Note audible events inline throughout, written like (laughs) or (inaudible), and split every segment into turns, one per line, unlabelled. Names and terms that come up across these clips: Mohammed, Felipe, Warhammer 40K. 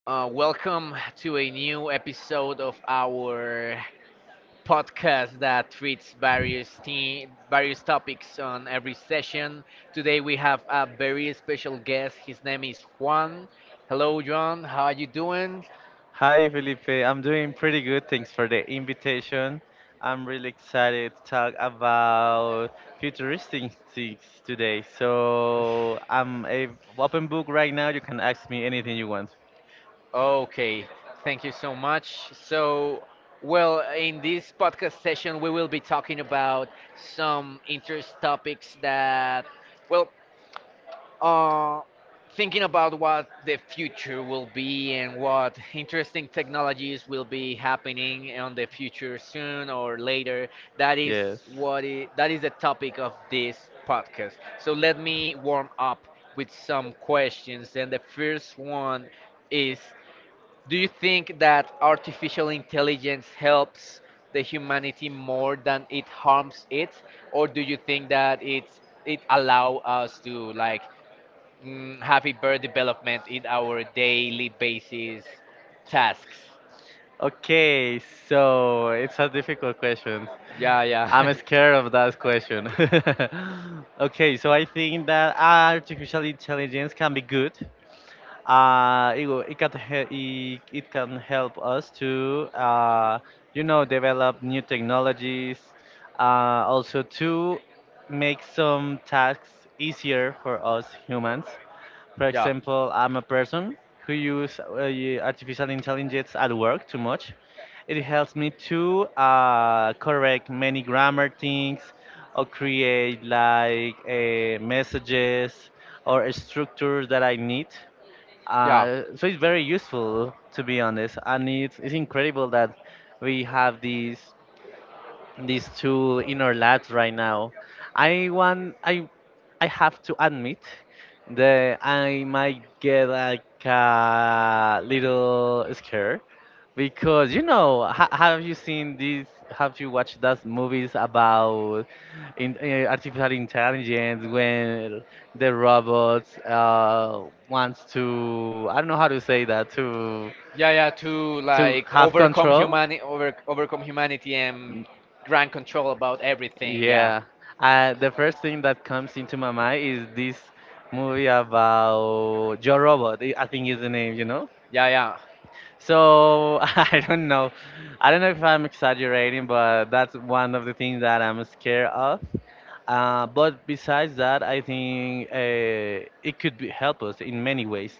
Welcome to a new episode of our podcast that treats various topics on every session. Today we have a very special guest. His name is Juan. Hello, John. How are you doing?
Hi, Felipe. I'm doing pretty good. Thanks for the invitation. I'm really excited to talk about futuristic things today. So I'm a open book right now. You can ask me anything you want.
Okay, thank you so much. In this podcast session, we will be talking about some interest topics that, well, uh, thinking about what the future will be and what interesting technologies will be happening on the future soon or later that is
Yes.
that is the topic of this podcast. So let me warm up with some questions, and the first one is, do you think that artificial intelligence helps the humanity more than it harms it, or do you think that it allow us to, like, have a development in our daily basis tasks?
Okay, so it's a difficult question.
Yeah, yeah.
I'm scared of that question. (laughs) Okay, so I think that artificial intelligence can be good. It, will- it can he- it can help us to develop new technologies, also to make some tasks easier for us humans. For
(laughs) yeah.
example, I'm a person who use artificial intelligence at work too much. It helps me to correct many grammar things or create like messages or structures that I need.
Yeah.
So it's very useful to be honest, and it's incredible that we have these two inner lads right now. I want I have to admit that I might get like a little scared because have you watched those movies about artificial intelligence when the robots wants to, I don't know how to say that,
Yeah, yeah, to
to
like
have
overcome
control.
humanity, overcome humanity and grant control about everything. Yeah,
Yeah. The first thing that comes into my mind is this movie about Joe Robot, I think is the name, you know?
yeah, yeah.
So (laughs) I don't know. I don't know if I'm exaggerating, but that's one of the things that I'm scared of. But besides that, I think help us in many ways.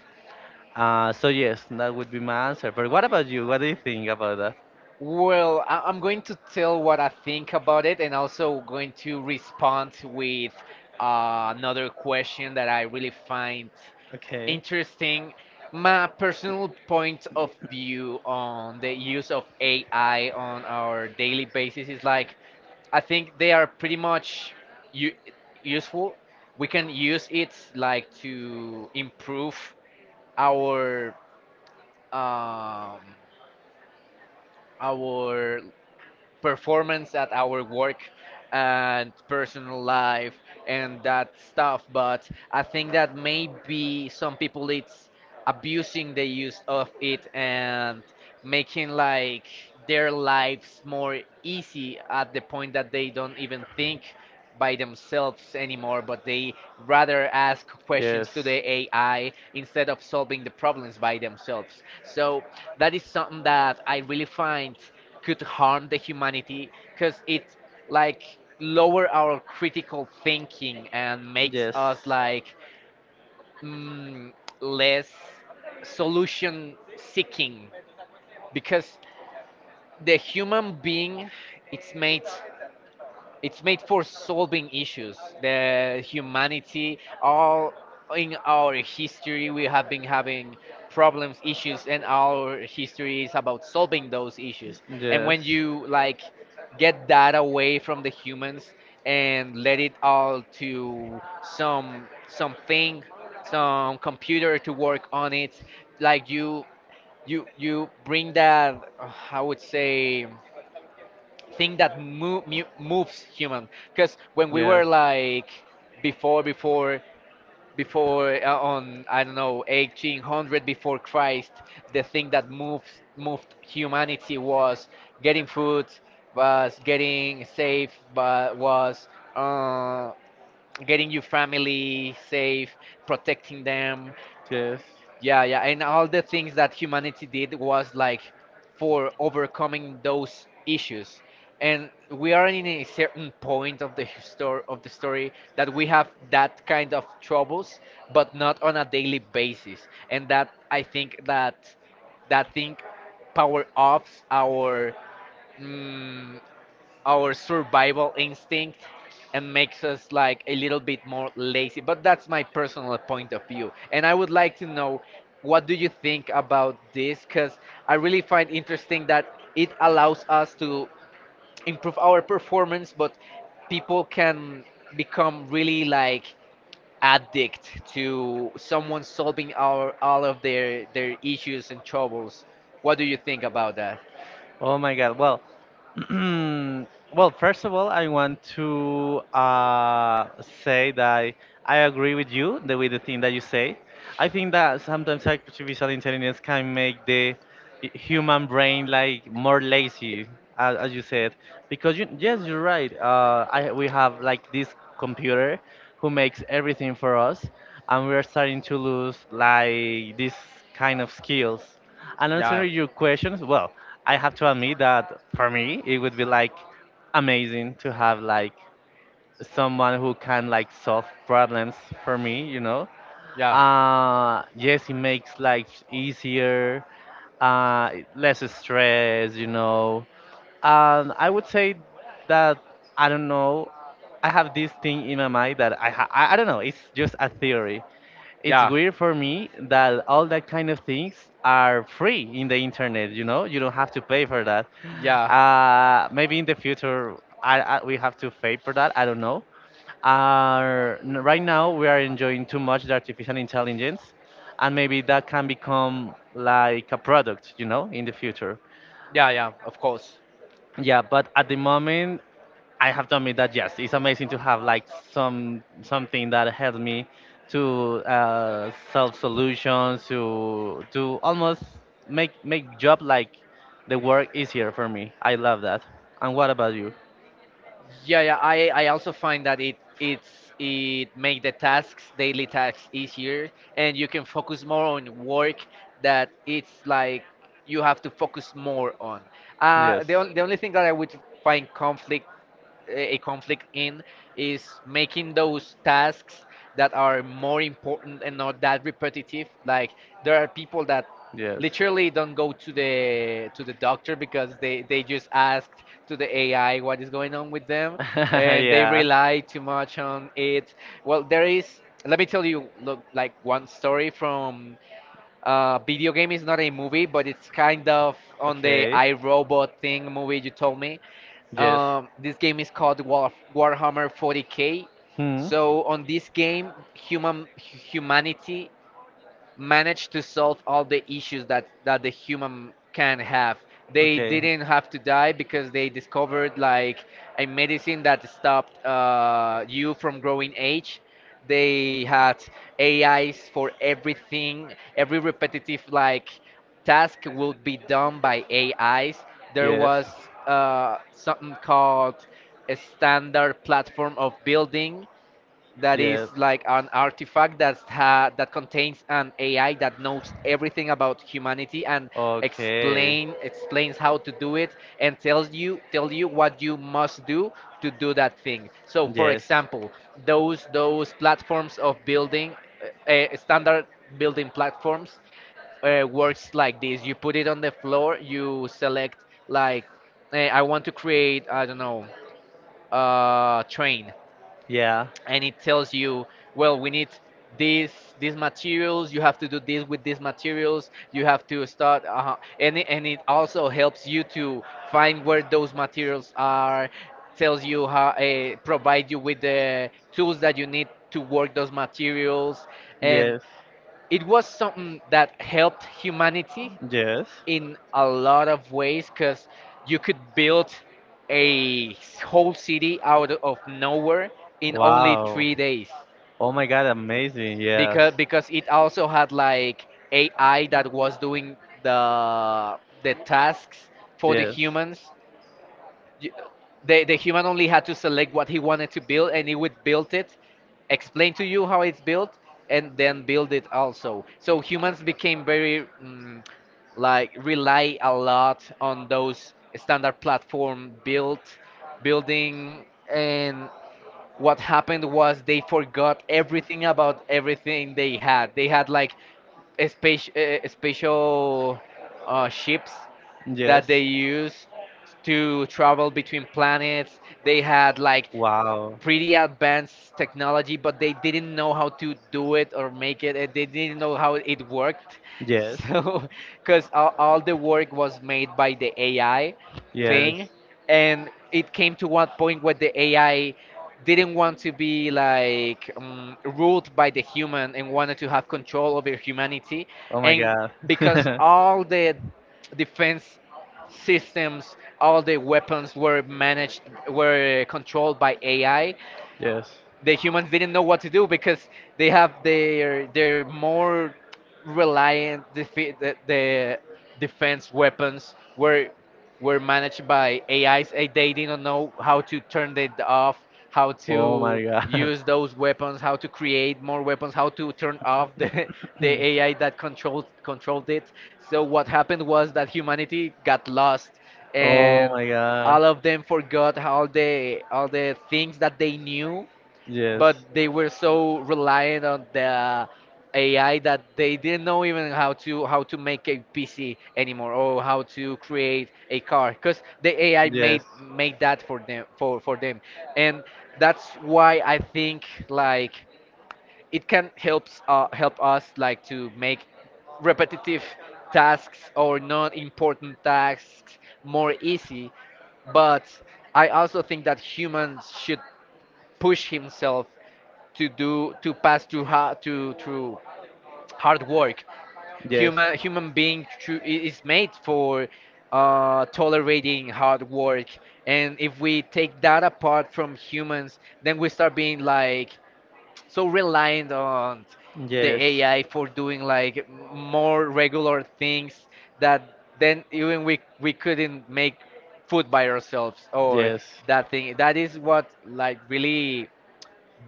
So yes, that would be my answer. But what about you? What do you think about that?
Well, I'm going to tell what I think about it and also going to respond with another question that I really find
Okay.
interesting. My personal point of view on the use of AI on our daily basis is like I think they are pretty much u- useful. We can use it like to improve our um, our performance at our work and personal life and that stuff. But I think that maybe some people it's abusing the use of it and making like their lives more easy at the point that they don't even think by themselves anymore, but they rather ask
Yes.
questions to the AI instead of solving the problems by themselves. So that is something that I really find could harm the humanity because it like lower our critical thinking and makes us like mm, less solution seeking, because the human being it's made it's made for solving issues. The humanity, all in our history, we have been having problems, issues, and our history is about solving those issues. And when you like get that away from the humans and let it all to something, some computer to work on it, like you you bring that I would say thing that moves human. Because
Because when
when
we,
we were
yes, were like,
like before before before on, I don't know, 1800 before Christ, the thing that moves moved humanity was getting food, was getting safe, but was uh, getting your family safe, protecting them.
yes.
Yeah, yeah, and all the things that humanity did was like for overcoming those issues. And we are in a certain point of the histor of the story that we have that kind of troubles, but not on a daily basis. And that, I think that that thing power ups our, mm, our survival instinct and makes us like a little bit more lazy. But that's my personal point of view. And I would like to know, what do you think about this? Because I really find interesting that it allows us to improve our performance, but people can become really like addict to someone solving our all of their issues and troubles. What do you think about that?
Oh my God. Well, (clears throat) well, first of all, I want to say that I agree with you with the thing that you say. I think that sometimes artificial intelligence can make the human brain like more lazy, as you said, because yes you're right. We have like this computer who makes everything for us, and we're starting to lose like this kind of skills. And answering your questions, well, I have to admit that for me it would be like amazing to have like someone who can like solve problems for me.
Yeah.
Yes, it makes life easier, uh, less stress. I would say that I don't know. I have this thing in my mind that I don't know. It's just a theory. It's
Yeah.
weird for me that all that kind of things are free in the internet. You know, you don't have to pay for that.
Yeah.
Maybe in the future, I we have to pay for that. I don't know. Right now we are enjoying too much the artificial intelligence, and maybe that can become like a product in the future.
Yeah, yeah, of course.
Yeah. But at the moment, I have to admit that yes, it's amazing to have like something that helps me to solve solutions to almost make job, like, the work easier for me. I love that. And what about you?
Yeah, yeah. I also find that it it make the tasks, daily tasks easier, and you can focus more on work that it's like you have to focus more on.
Yes.
The only thing that I would find conflict a conflict in is making those tasks that are more important and not that repetitive. Like, there are people that
Yes.
literally don't go to the doctor because they just
(laughs)
asked to the AI what is going on with them and they
Yeah.
rely too much on it. Well, there is. Let me tell you, look, like one story from video game, is not a movie, but it's kind of on the
Okay.
iRobot thing movie you told me.
Yes.
This game is called Warhammer 40K.
Hmm.
So on this game, humanity managed to solve all the issues that the human can have. They
Okay.
didn't have to die because they discovered like a medicine that stopped, you from growing age. They had AIs for everything. Every repetitive like task will be done by AIs. There
Yes.
was something called a standard platform of building that is
Yes.
like an artifact that contains an AI that knows everything about humanity and
Okay.
explains how to do it and tell you what you must do to do that thing. So, for
Yes.
example, those platforms of building, standard building platforms, works like this. You put it on the floor. You select like, I want to create, I don't know, a train,
Yeah.
and it tells you, well, we need these these materials. You have to do this with these materials. You have to start, and and it also helps you to find where those materials are. Tells you how, provide you with the tools that you need to work those materials, and
Yes.
it was something that helped humanity
Yes.
in a lot of ways because you could build a whole city out of nowhere in only
Wow.
3 days,
Oh my God, amazing. Yes.
because it also had like AI that was doing the tasks for the
Yes.
humans. You, the human only had to select what he wanted to build, and he would build it, explain to you how it's built, and then build it also. So humans became very, like rely a lot on those standard platform built building, and what happened was they forgot everything about everything they had. They had like a special, ships that
Yes.
they used to travel between planets. They had like
Wow.
pretty advanced technology, but they didn't know how to do it or make it, and they didn't know how it worked. (laughs)
Yes.
So, because all the work was made by the AI
Yes.
thing, and it came to one point where the AI didn't want to be like, ruled by the human and wanted to have control over humanity,
Oh my
and
God.
because
(laughs)
all the defense systems, all the weapons were managed were controlled by AI,
Yes.
the humans didn't know what to do because they have their more reliant the defense weapons were managed by AIs. They didn't know how to turn it off, how
Oh my
to
God.
use those weapons, how to create more weapons, how to turn off (laughs) the AI that controlled it. So what happened was that humanity
(laughs)
got lost,
Oh
and
my God.
all of them forgot all the things that they knew, but
Yes.
they were so reliant on the AI that they didn't know even how to make a PC anymore or how to create a car because the AI
Yes.
made that for them for them. And that's why I think like it can help us like to make repetitive tasks or not important tasks more easy. But I also think that humans should push himself to do to pass to hard to through hard work.
Yes.
Human being is made for tolerating hard work, and if we take that apart from humans, then we start being like so reliant on the
Yes.
AI for doing like more regular things that then even we couldn't make food by ourselves or
Yes.
that thing. That is what like really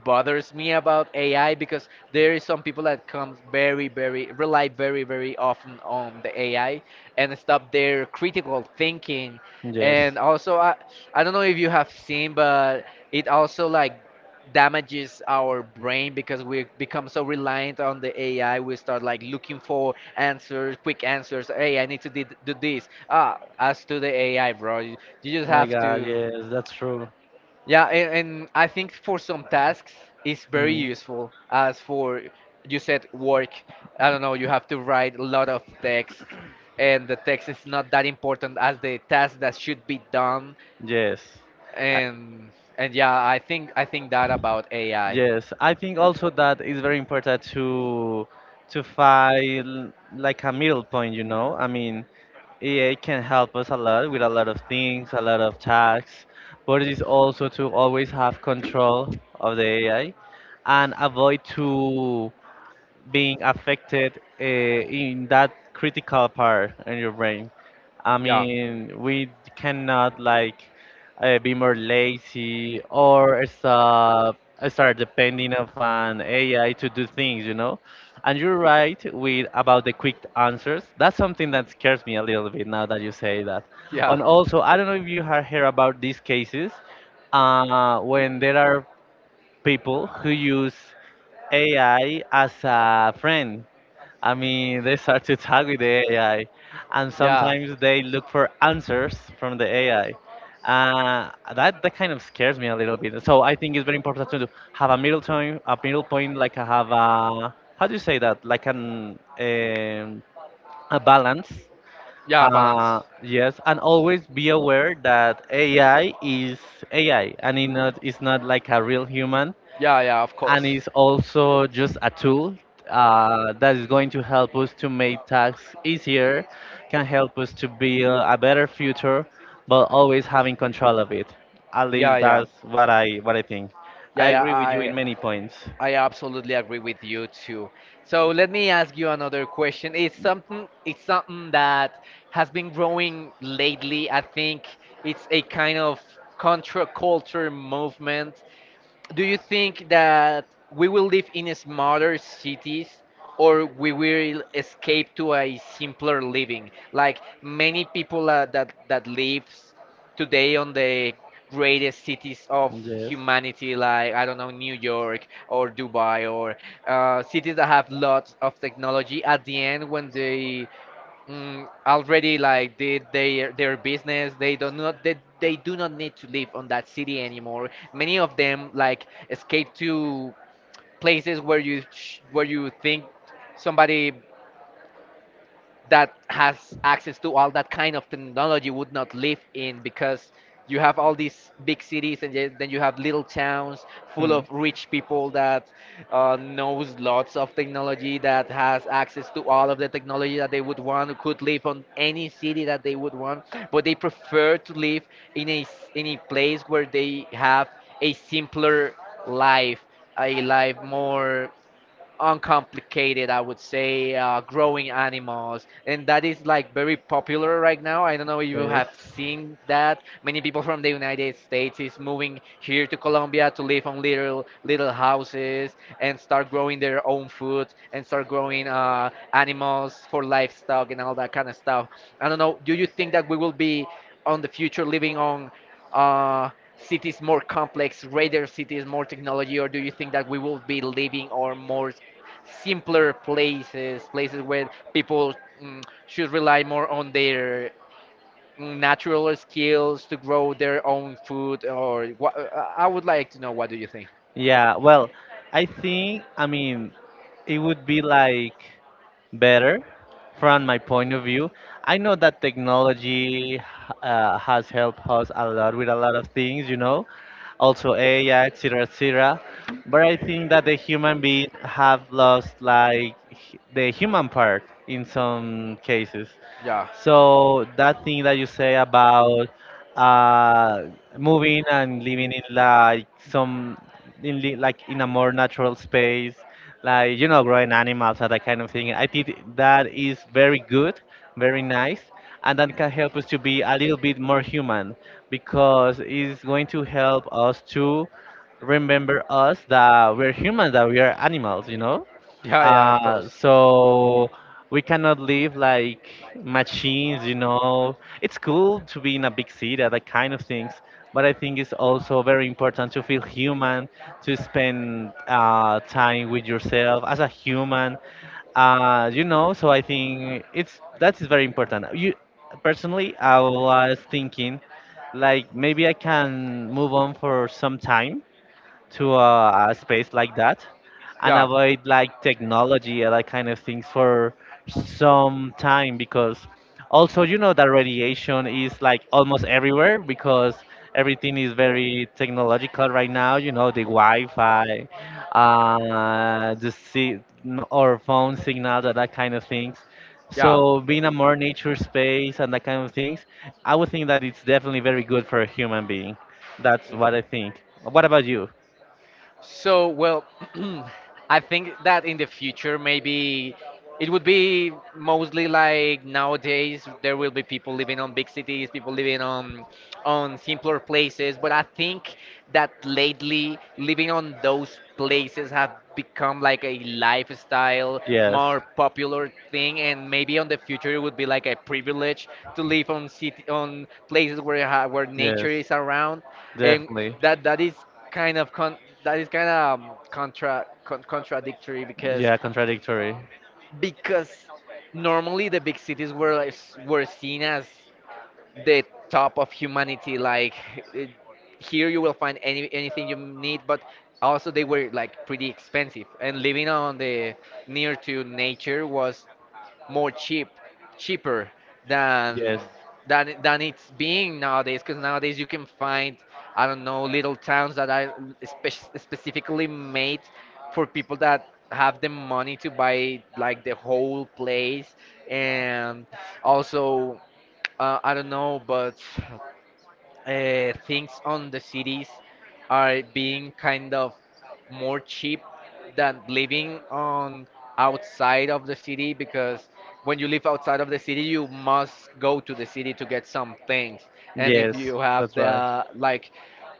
bothers me about AI because there is some people that come very, very rely very, very often on the AI and stop their critical thinking.
Yes.
And also, I don't know if you have seen, but it also like damages our brain because we become so reliant on the AI. We start like looking for answers, quick answers. Hey, I need to do this. Ah, as to the AI, bro, you just
Oh my
have
God,
to.
yes, that's true.
Yeah, and I think for some tasks it's very
Mm.
useful. As for you said, work. I don't know. You have to write a lot of text, and the text is not that important as the task that should be done,
Yes. I-
and and yeah, I think that about AI.
Yes, I think also that it's very important to find like a middle point, you know? I mean, AI can help us a lot with a lot of things, a lot of tasks, but it is also to always have control of the AI and avoid to being affected in that critical part in your brain. I
Yeah.
mean, we cannot like be more lazy or start depending of an AI to do things, you know. And you're right with about the quick answers. That's something that scares me a little bit now that you say that. Yeah.
Yeah.
And also, I don't know if you have heard about these cases when there are people who use AI as a friend. I mean, they start to talk with the AI, and
Yeah.
sometimes they look for answers from the AI. That kind of scares me a little bit. So I think it's very important to have a middle time, a middle point, like I have a, how do you say that, like an a balance.
Yeah, balance.
Yes, and always be aware that AI is AI, and it's not like a real human,
Yeah, yeah, of
and
course.
it's also just a tool that is going to help us to make tasks easier, can help us to build a better future, but always having control of it. At least
Yeah, yeah.
that's what I think. I
Yeah, yeah,
agree with you in many points.
I absolutely agree with you too. So let me ask you another question. It's something, that has been growing lately. I think it's a kind of contra culture movement. Do you think that we will live in smarter cities, or we will escape to a simpler living, like many people that lives today on the greatest cities of
Yes.
humanity, like I don't know, New York or Dubai, or cities that have lots of technology. At the end, when they already like did their business, they do not they do not need to live on that city anymore. Many of them like escape to places where where you think somebody that has access to all that kind of technology would not live in, because you have all these big cities, and then you have little towns full
Hmm.
of rich people that knows lots of technology, that has access to all of the technology that they would want, who could live on any city that they would want, but they prefer to live in in a place where they have a simpler life, a life more uncomplicated, I would say. Growing animals, and that is like very popular right now. I don't know if you have seen that. Many people from the United States is moving here
Yes.
to Colombia to live on little houses and start growing their own food and start growing animals for livestock and all that kind of stuff. I don't know. Do you think that we will be on the future living on? Cities more complex, greater cities, more technology? Or do you think that we will be living or simpler places, places where people should rely more on their natural skills to grow their own food? Or what? I would like to know, what do you think?
Yeah, well, I think, I mean, it would be like better from my point of view. I know that technology has helped us a lot with a lot of things, also AI, etc., cetera. Et cetera. But I think that the human being have lost like the human part in some cases.
Yeah.
So that thing that you say about uh, moving and living in like like in a more natural space, like, growing animals and that kind of thing, I think that is very good, very nice, and that can help us to be a little bit more human, because it's going to help us to remember us that we're humans, that we are animals.
Yeah, yeah, of
Uh,
course.
so we cannot live like machines. It's cool to be in a big city, that kind of things, but I think it's also very important to feel human, to spend time with yourself as a human. So I think it's that is very important. You, personally, I was thinking like maybe I can move on for some time to a space like that and avoid like
Yeah.
technology and that kind of things for some time, because also you know that radiation is like almost everywhere. Because everything is very technological right now, the Wi-Fi, the si- no- or phone signals and that kind of things.
Yeah.
So being a more nature space and that kind of things, I would think that it's definitely very good for a human being. That's what I think. What about you?
So, well, (clears throat) I
(clears throat)
think that in the future, maybe it would be mostly like nowadays: there will be people living on big cities, people living on simpler places. But I think that lately living on those places have become like a lifestyle, more popular thing, and maybe on the future it would be like a privilege to live on city, on places where where nature is around. And that is kind of con that is kind of contradictory,
Contradictory. Yeah, contradictory.
because normally the big cities were like were seen as the top of humanity. Like eh, here, you will find anything you need, but also they were like pretty expensive. And living on the near to nature was more cheap, cheaper
Yes,
than than it's being nowadays. Because nowadays you can find, I don't know, little towns that are specifically made for people that have the money to buy like the whole place, and also. I don't know, but things on the cities are being kind of more cheap than living on outside of the city, because when you live outside of the city, you must go to the city to get some things. And if you have the like,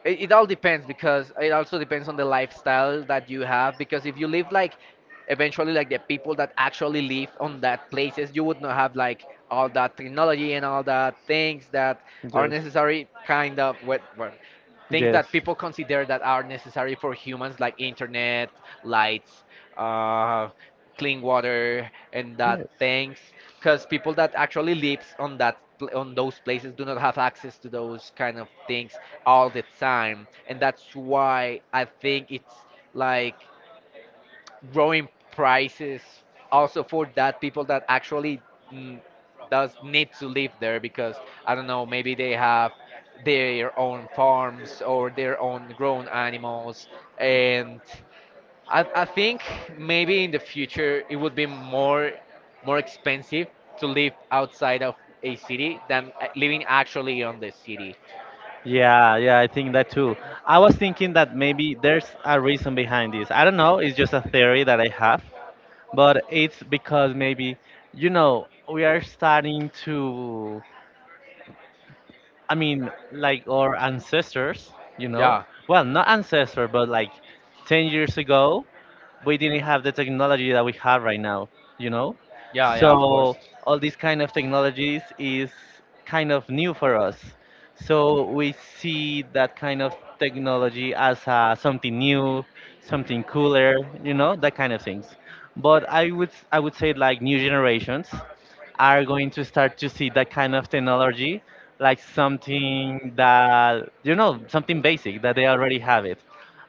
it all depends, because it also depends on the lifestyle that you have. Because if you live like eventually, like the people that actually live on that places, you would not have like all that technology and all that things that are necessary, kind of things that people consider that are necessary for humans, like internet, lights, uh, clean water and that things, because people that actually lives on on those places do not have access to those kind of things all the time. And that's why I think it's like growing prices also for that people that actually mm, does need to live there, because I don't know, maybe they have their own farms or their own grown animals. And I think maybe in the future it would be more more expensive to live outside of a city than living actually on the city.
yeah, yeah, I think that too. I was thinking that maybe there's a reason behind this. I don't know, it's just a theory that I have, but it's because maybe, we are starting to, I mean, like our ancestors,
Yeah,
well, not ancestor, but like 10 years ago, we didn't have the technology that we have right now, you know?
yeah, yeah, of
So
course.
all these kind of technologies is kind of new for us. So we see that kind of technology as something new, something cooler, that kind of things. But I would say, like, new generations are going to start to see that kind of technology like something that, something basic that they already have it,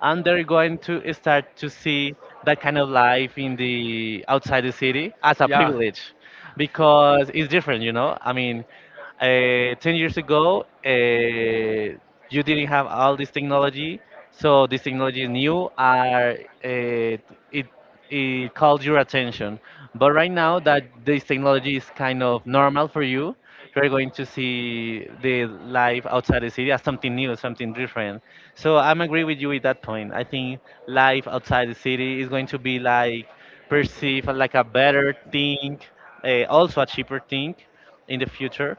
and they're going to start to see that kind of life in the outside the city as a
Yeah,
privilege, because it's different, I mean, 10 years ago, you didn't have all this technology. So this technology is new, are it it calls your attention. But right now that this technology is kind of normal for you, you're going to see the life outside the city as something new, something different. So I'm agree with you at that point. I think life outside the city is going to be like perceived like a better thing, also a cheaper thing in the future.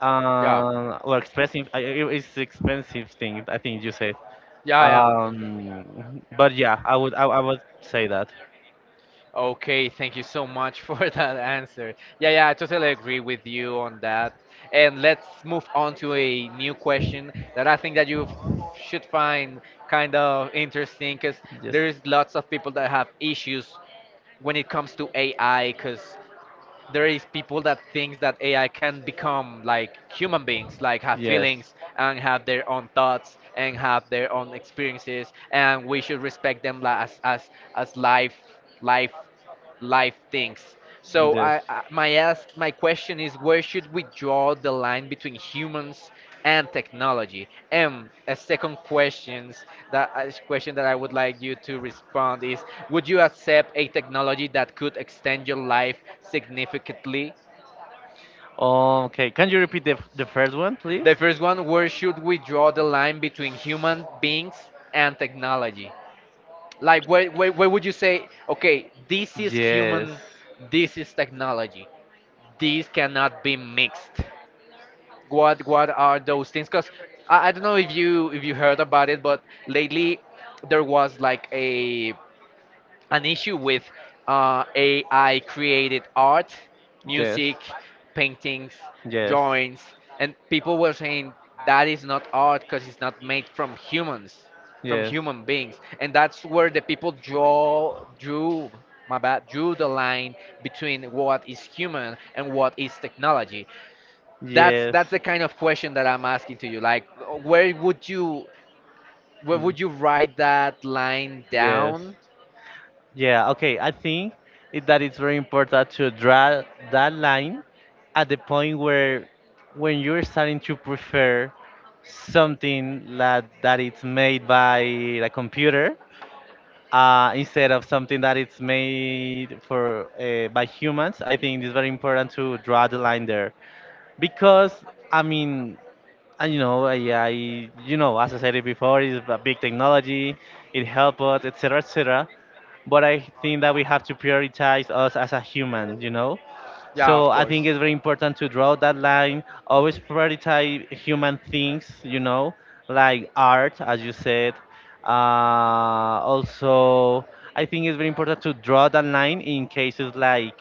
Or expensive, it's expensive thing. I think you said.
yeah, yeah, yeah.
But yeah, I would say that.
Okay, thank you so much for (laughs) that answer. Yeah, yeah, I totally agree with you on that. And let's move on to a new question that I think that you should find kind of interesting, because
Yes.
there's lots of people that have issues when it comes to AI, because there is people that thinks that AI can become like human beings, like have feelings and have their own thoughts and have their own
Yes.
experiences, and we should respect them as as life life life things. So I my question is, where should we draw the line between humans and technology? And a second questions, that a question that I would like you to respond is: would you accept a technology that could extend your life significantly?
Okay, can you repeat the, the first one, please?
The first one: where should we draw the line between human beings and technology? Like, where would you say, okay, this is
Yes.
human, this is technology, these cannot be mixed? What are those things? Because I don't know if you heard about it, but lately there was like a an issue with AI created art,
Yes.
music, paintings,
Yes.
drawings, and people were
Yes.
saying that is not art because it's not made from humans, from
Yes. Mm.
human beings. And that's where the people draw drew my bad drew the line between what is human and what is technology. That's the kind of question that I'm asking to you. Like, where would you where would you write that line
Yes.
down?
Yeah, okay. I think that it's very important to draw that line at the point where, when you're starting to prefer something that it's made by a computer
Uh,
instead of something that it's made for by humans. I think it's very important to draw the line there, because I mean, and I as I said it before, it's a big technology. It helps us, etc., etc., but I think that we have to prioritize us as a human,
Yeah,
so
of
I
course.
think it's very important to draw that line, always prioritize human things, like art, as you said. uh, Also, I think it's very important to draw that line in cases like,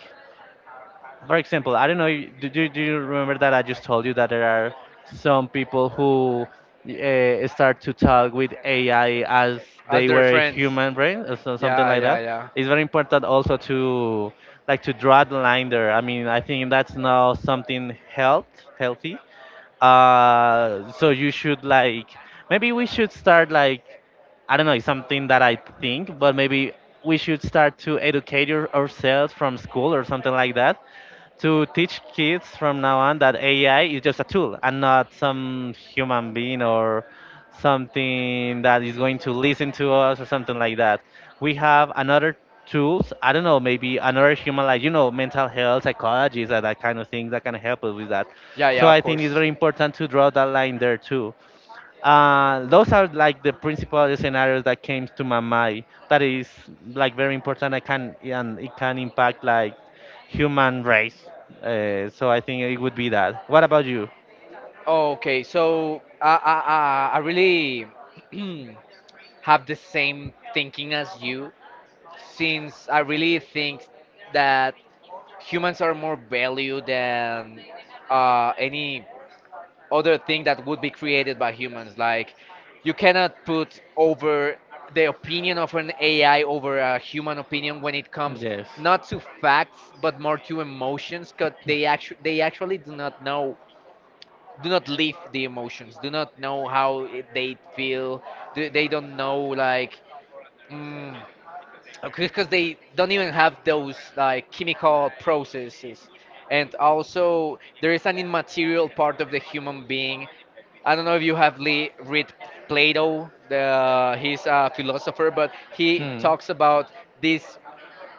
for example, I don't know, do you remember that I just told you that there are some people who start to talk with AI as they were a human brain, or so, something
Yeah,
like
yeah,
that?
yeah.
It's very important also to, like, to draw the line there. I mean, I think that's now something healthy. So you should, like, maybe we should start, like, I don't know, it's something that I think, but maybe we should start to educate ourselves from school or something like that, to teach kids from now on that AI is just a tool and not some human being or something that is going to listen to us or something like that. We have another tools. I don't know, maybe another human, like, mental health, psychology, that kind of things that can help us with that.
Yeah,
So
yeah, of
I think
course.
it's very important to draw that line there too. Those are like the principal scenarios that came to my mind. That is like very important. I can And it can impact like human race. So I think it would be that. What about you?
Okay, so I really (clears throat) have the same thinking as you, since I really think that. Humans are more value than any other thing that would be created by humans. Like, you cannot put over the opinion of an AI over a human opinion when it comes
Yes.
not to facts but more to emotions, because they actually do not know, do not live the emotions, do not know how they feel, they don't know like. Mm, because they don't even have those like chemical processes. And also there is an immaterial part of the human being. I don't know if you have read Plato. He's a philosopher, but he talks about this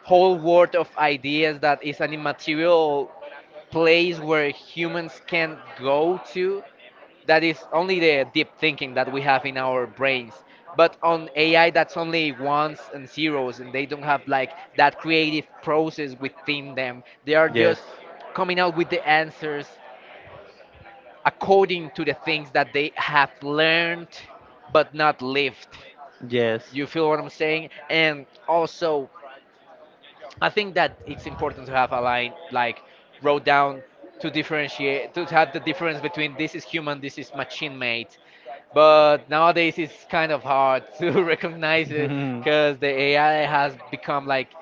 whole world of ideas that is an immaterial place where humans can go to, that is only the deep thinking that we have in our brains. But on AI, that's only ones and zeros, and they don't have like that creative process within them. They are
Yes.
just coming out with the answers according to the things that they have learned, but not lived.
Yes.
You feel what I'm saying? And also, I think that it's important to have a line like wrote down, to differentiate, to have the difference between this is human, this is machine made. But nowadays it's kind of hard (laughs) to recognize
(laughs)
it,
Mhm.
because the AI has become like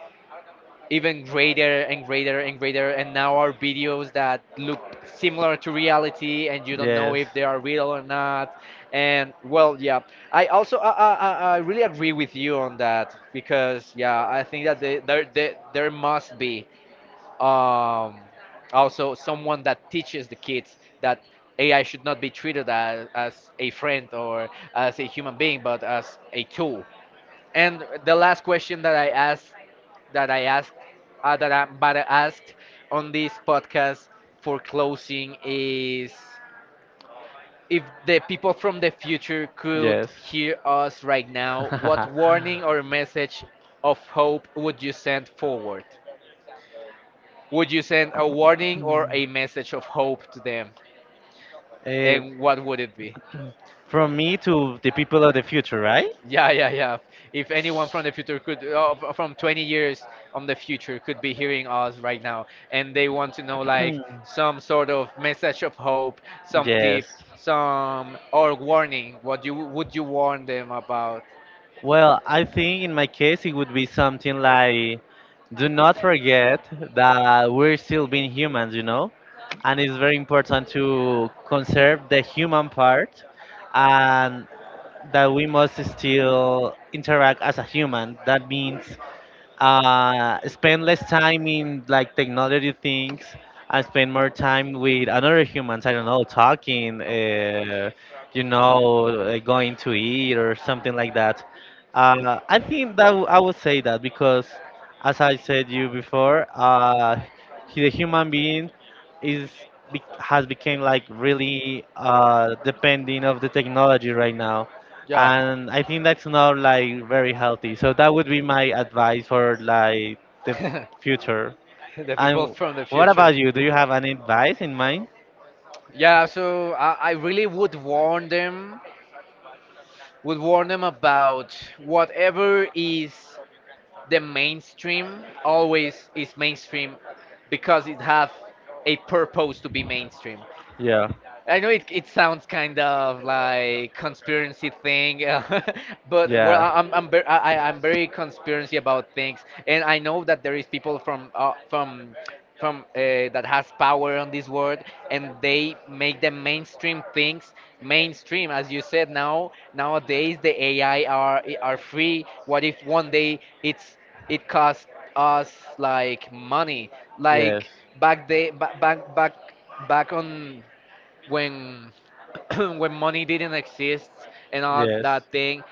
even greater and greater and greater, and now are videos that look similar to reality and you don't know if they are real or not. And well, yeah, I also I really agree with you on that, because yeah, I think that there must be um also someone that teaches the kids that AI should not be treated as a friend or as a human being, but as a tool. And the last question that I asked, that I asked, that I but I asked on this podcast for closing is: if the people from the future could hear us right now, what warning or
(laughs)
message of hope would you send forward? Would you send a warning or a message of hope to them? And what would it be?
From me to the people of the future, right?
Yeah, yeah, yeah. If anyone from the future could, from 20 years on the future, could be hearing us right now, and they want to know like
Hmm.
some sort of message of hope, some
Yes.
tip, some or warning, what you would you warn them about?
Well, I think in my case it would be something like, do not forget that we're still being humans, you know? And it's very important to conserve the human part, and that we must still interact as a human. That means spend less time in like technology things and spend more time with another humans. I don't know, talking, going to eat or something like that. I think that I would say that because, as I said you before, the human being is has become like really depending of the technology right now,
Yeah.
and I think that's not like very healthy. So that would be my advice
(laughs)
for, like, the future.
the people
And
from the
what
future.
about you? Do you have any advice in mind?
Yeah, so I really would warn them about whatever is the mainstream. Always is mainstream, because it have a purpose to be mainstream.
Yeah.
I know it sounds kind of like conspiracy thing, (laughs) but well,
Yeah.
I'm very conspiracy about things, and I know that there is people from that has power on this world, and they make the mainstream things mainstream, as you said. Now nowadays the AI are free. What if one day it's it costs us like money,
Yes.
like back day ba- back back back on when (clears throat) when money didn't exist and all
Yes.
that thing.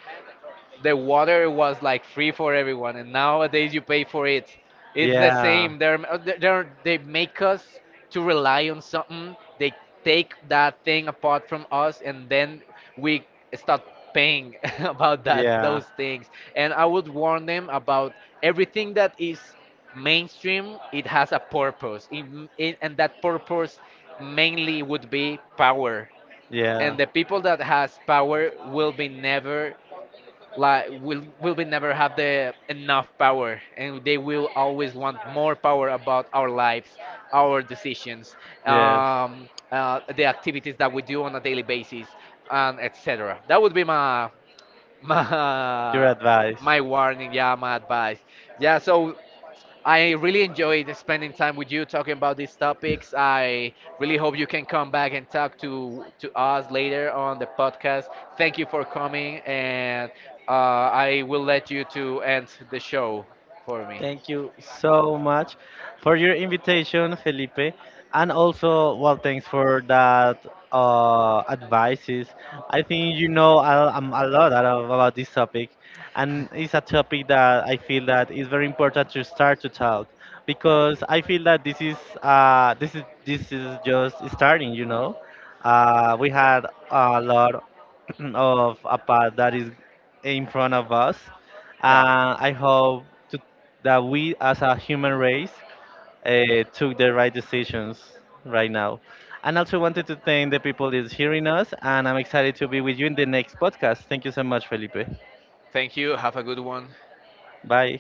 The water was like free for everyone, and nowadays you pay for it. It's the
Yeah.
same. They're, they make us to rely on something. They take that thing apart from us, and then we start paying (laughs) about
Yeah.
that
Yeah.
those things. And I would warn them about everything that is mainstream. It has a purpose, and that purpose mainly would be power. And the people that has power will be never like will we never have the enough power, and they will always want more power about our lives, our decisions, the activities that we do on a daily basis, and etc. That would be my (laughs)
Yes.
my my warning. Yeah, my advice. Yeah, so I really enjoyed spending time with you talking about these topics. I really hope you can come back and talk to us later on the podcast. Thank you for coming. And I will let you to end the show for me.
Thank you so much for your invitation, Felipe. And also, well, thanks for that advices. I think you know a lot about this topic, and it's a topic that I feel that is very important to start to talk, because I feel that this is just starting. We had a lot (clears throat) of a path that is in front of us.
Yeah.
I hope that we as a human race took the right decisions right now. And also wanted to thank the people that's hearing us, and I'm excited to be with you in the next podcast. Thank you so much, Felipe.
Thank you. Have a good one.
Bye.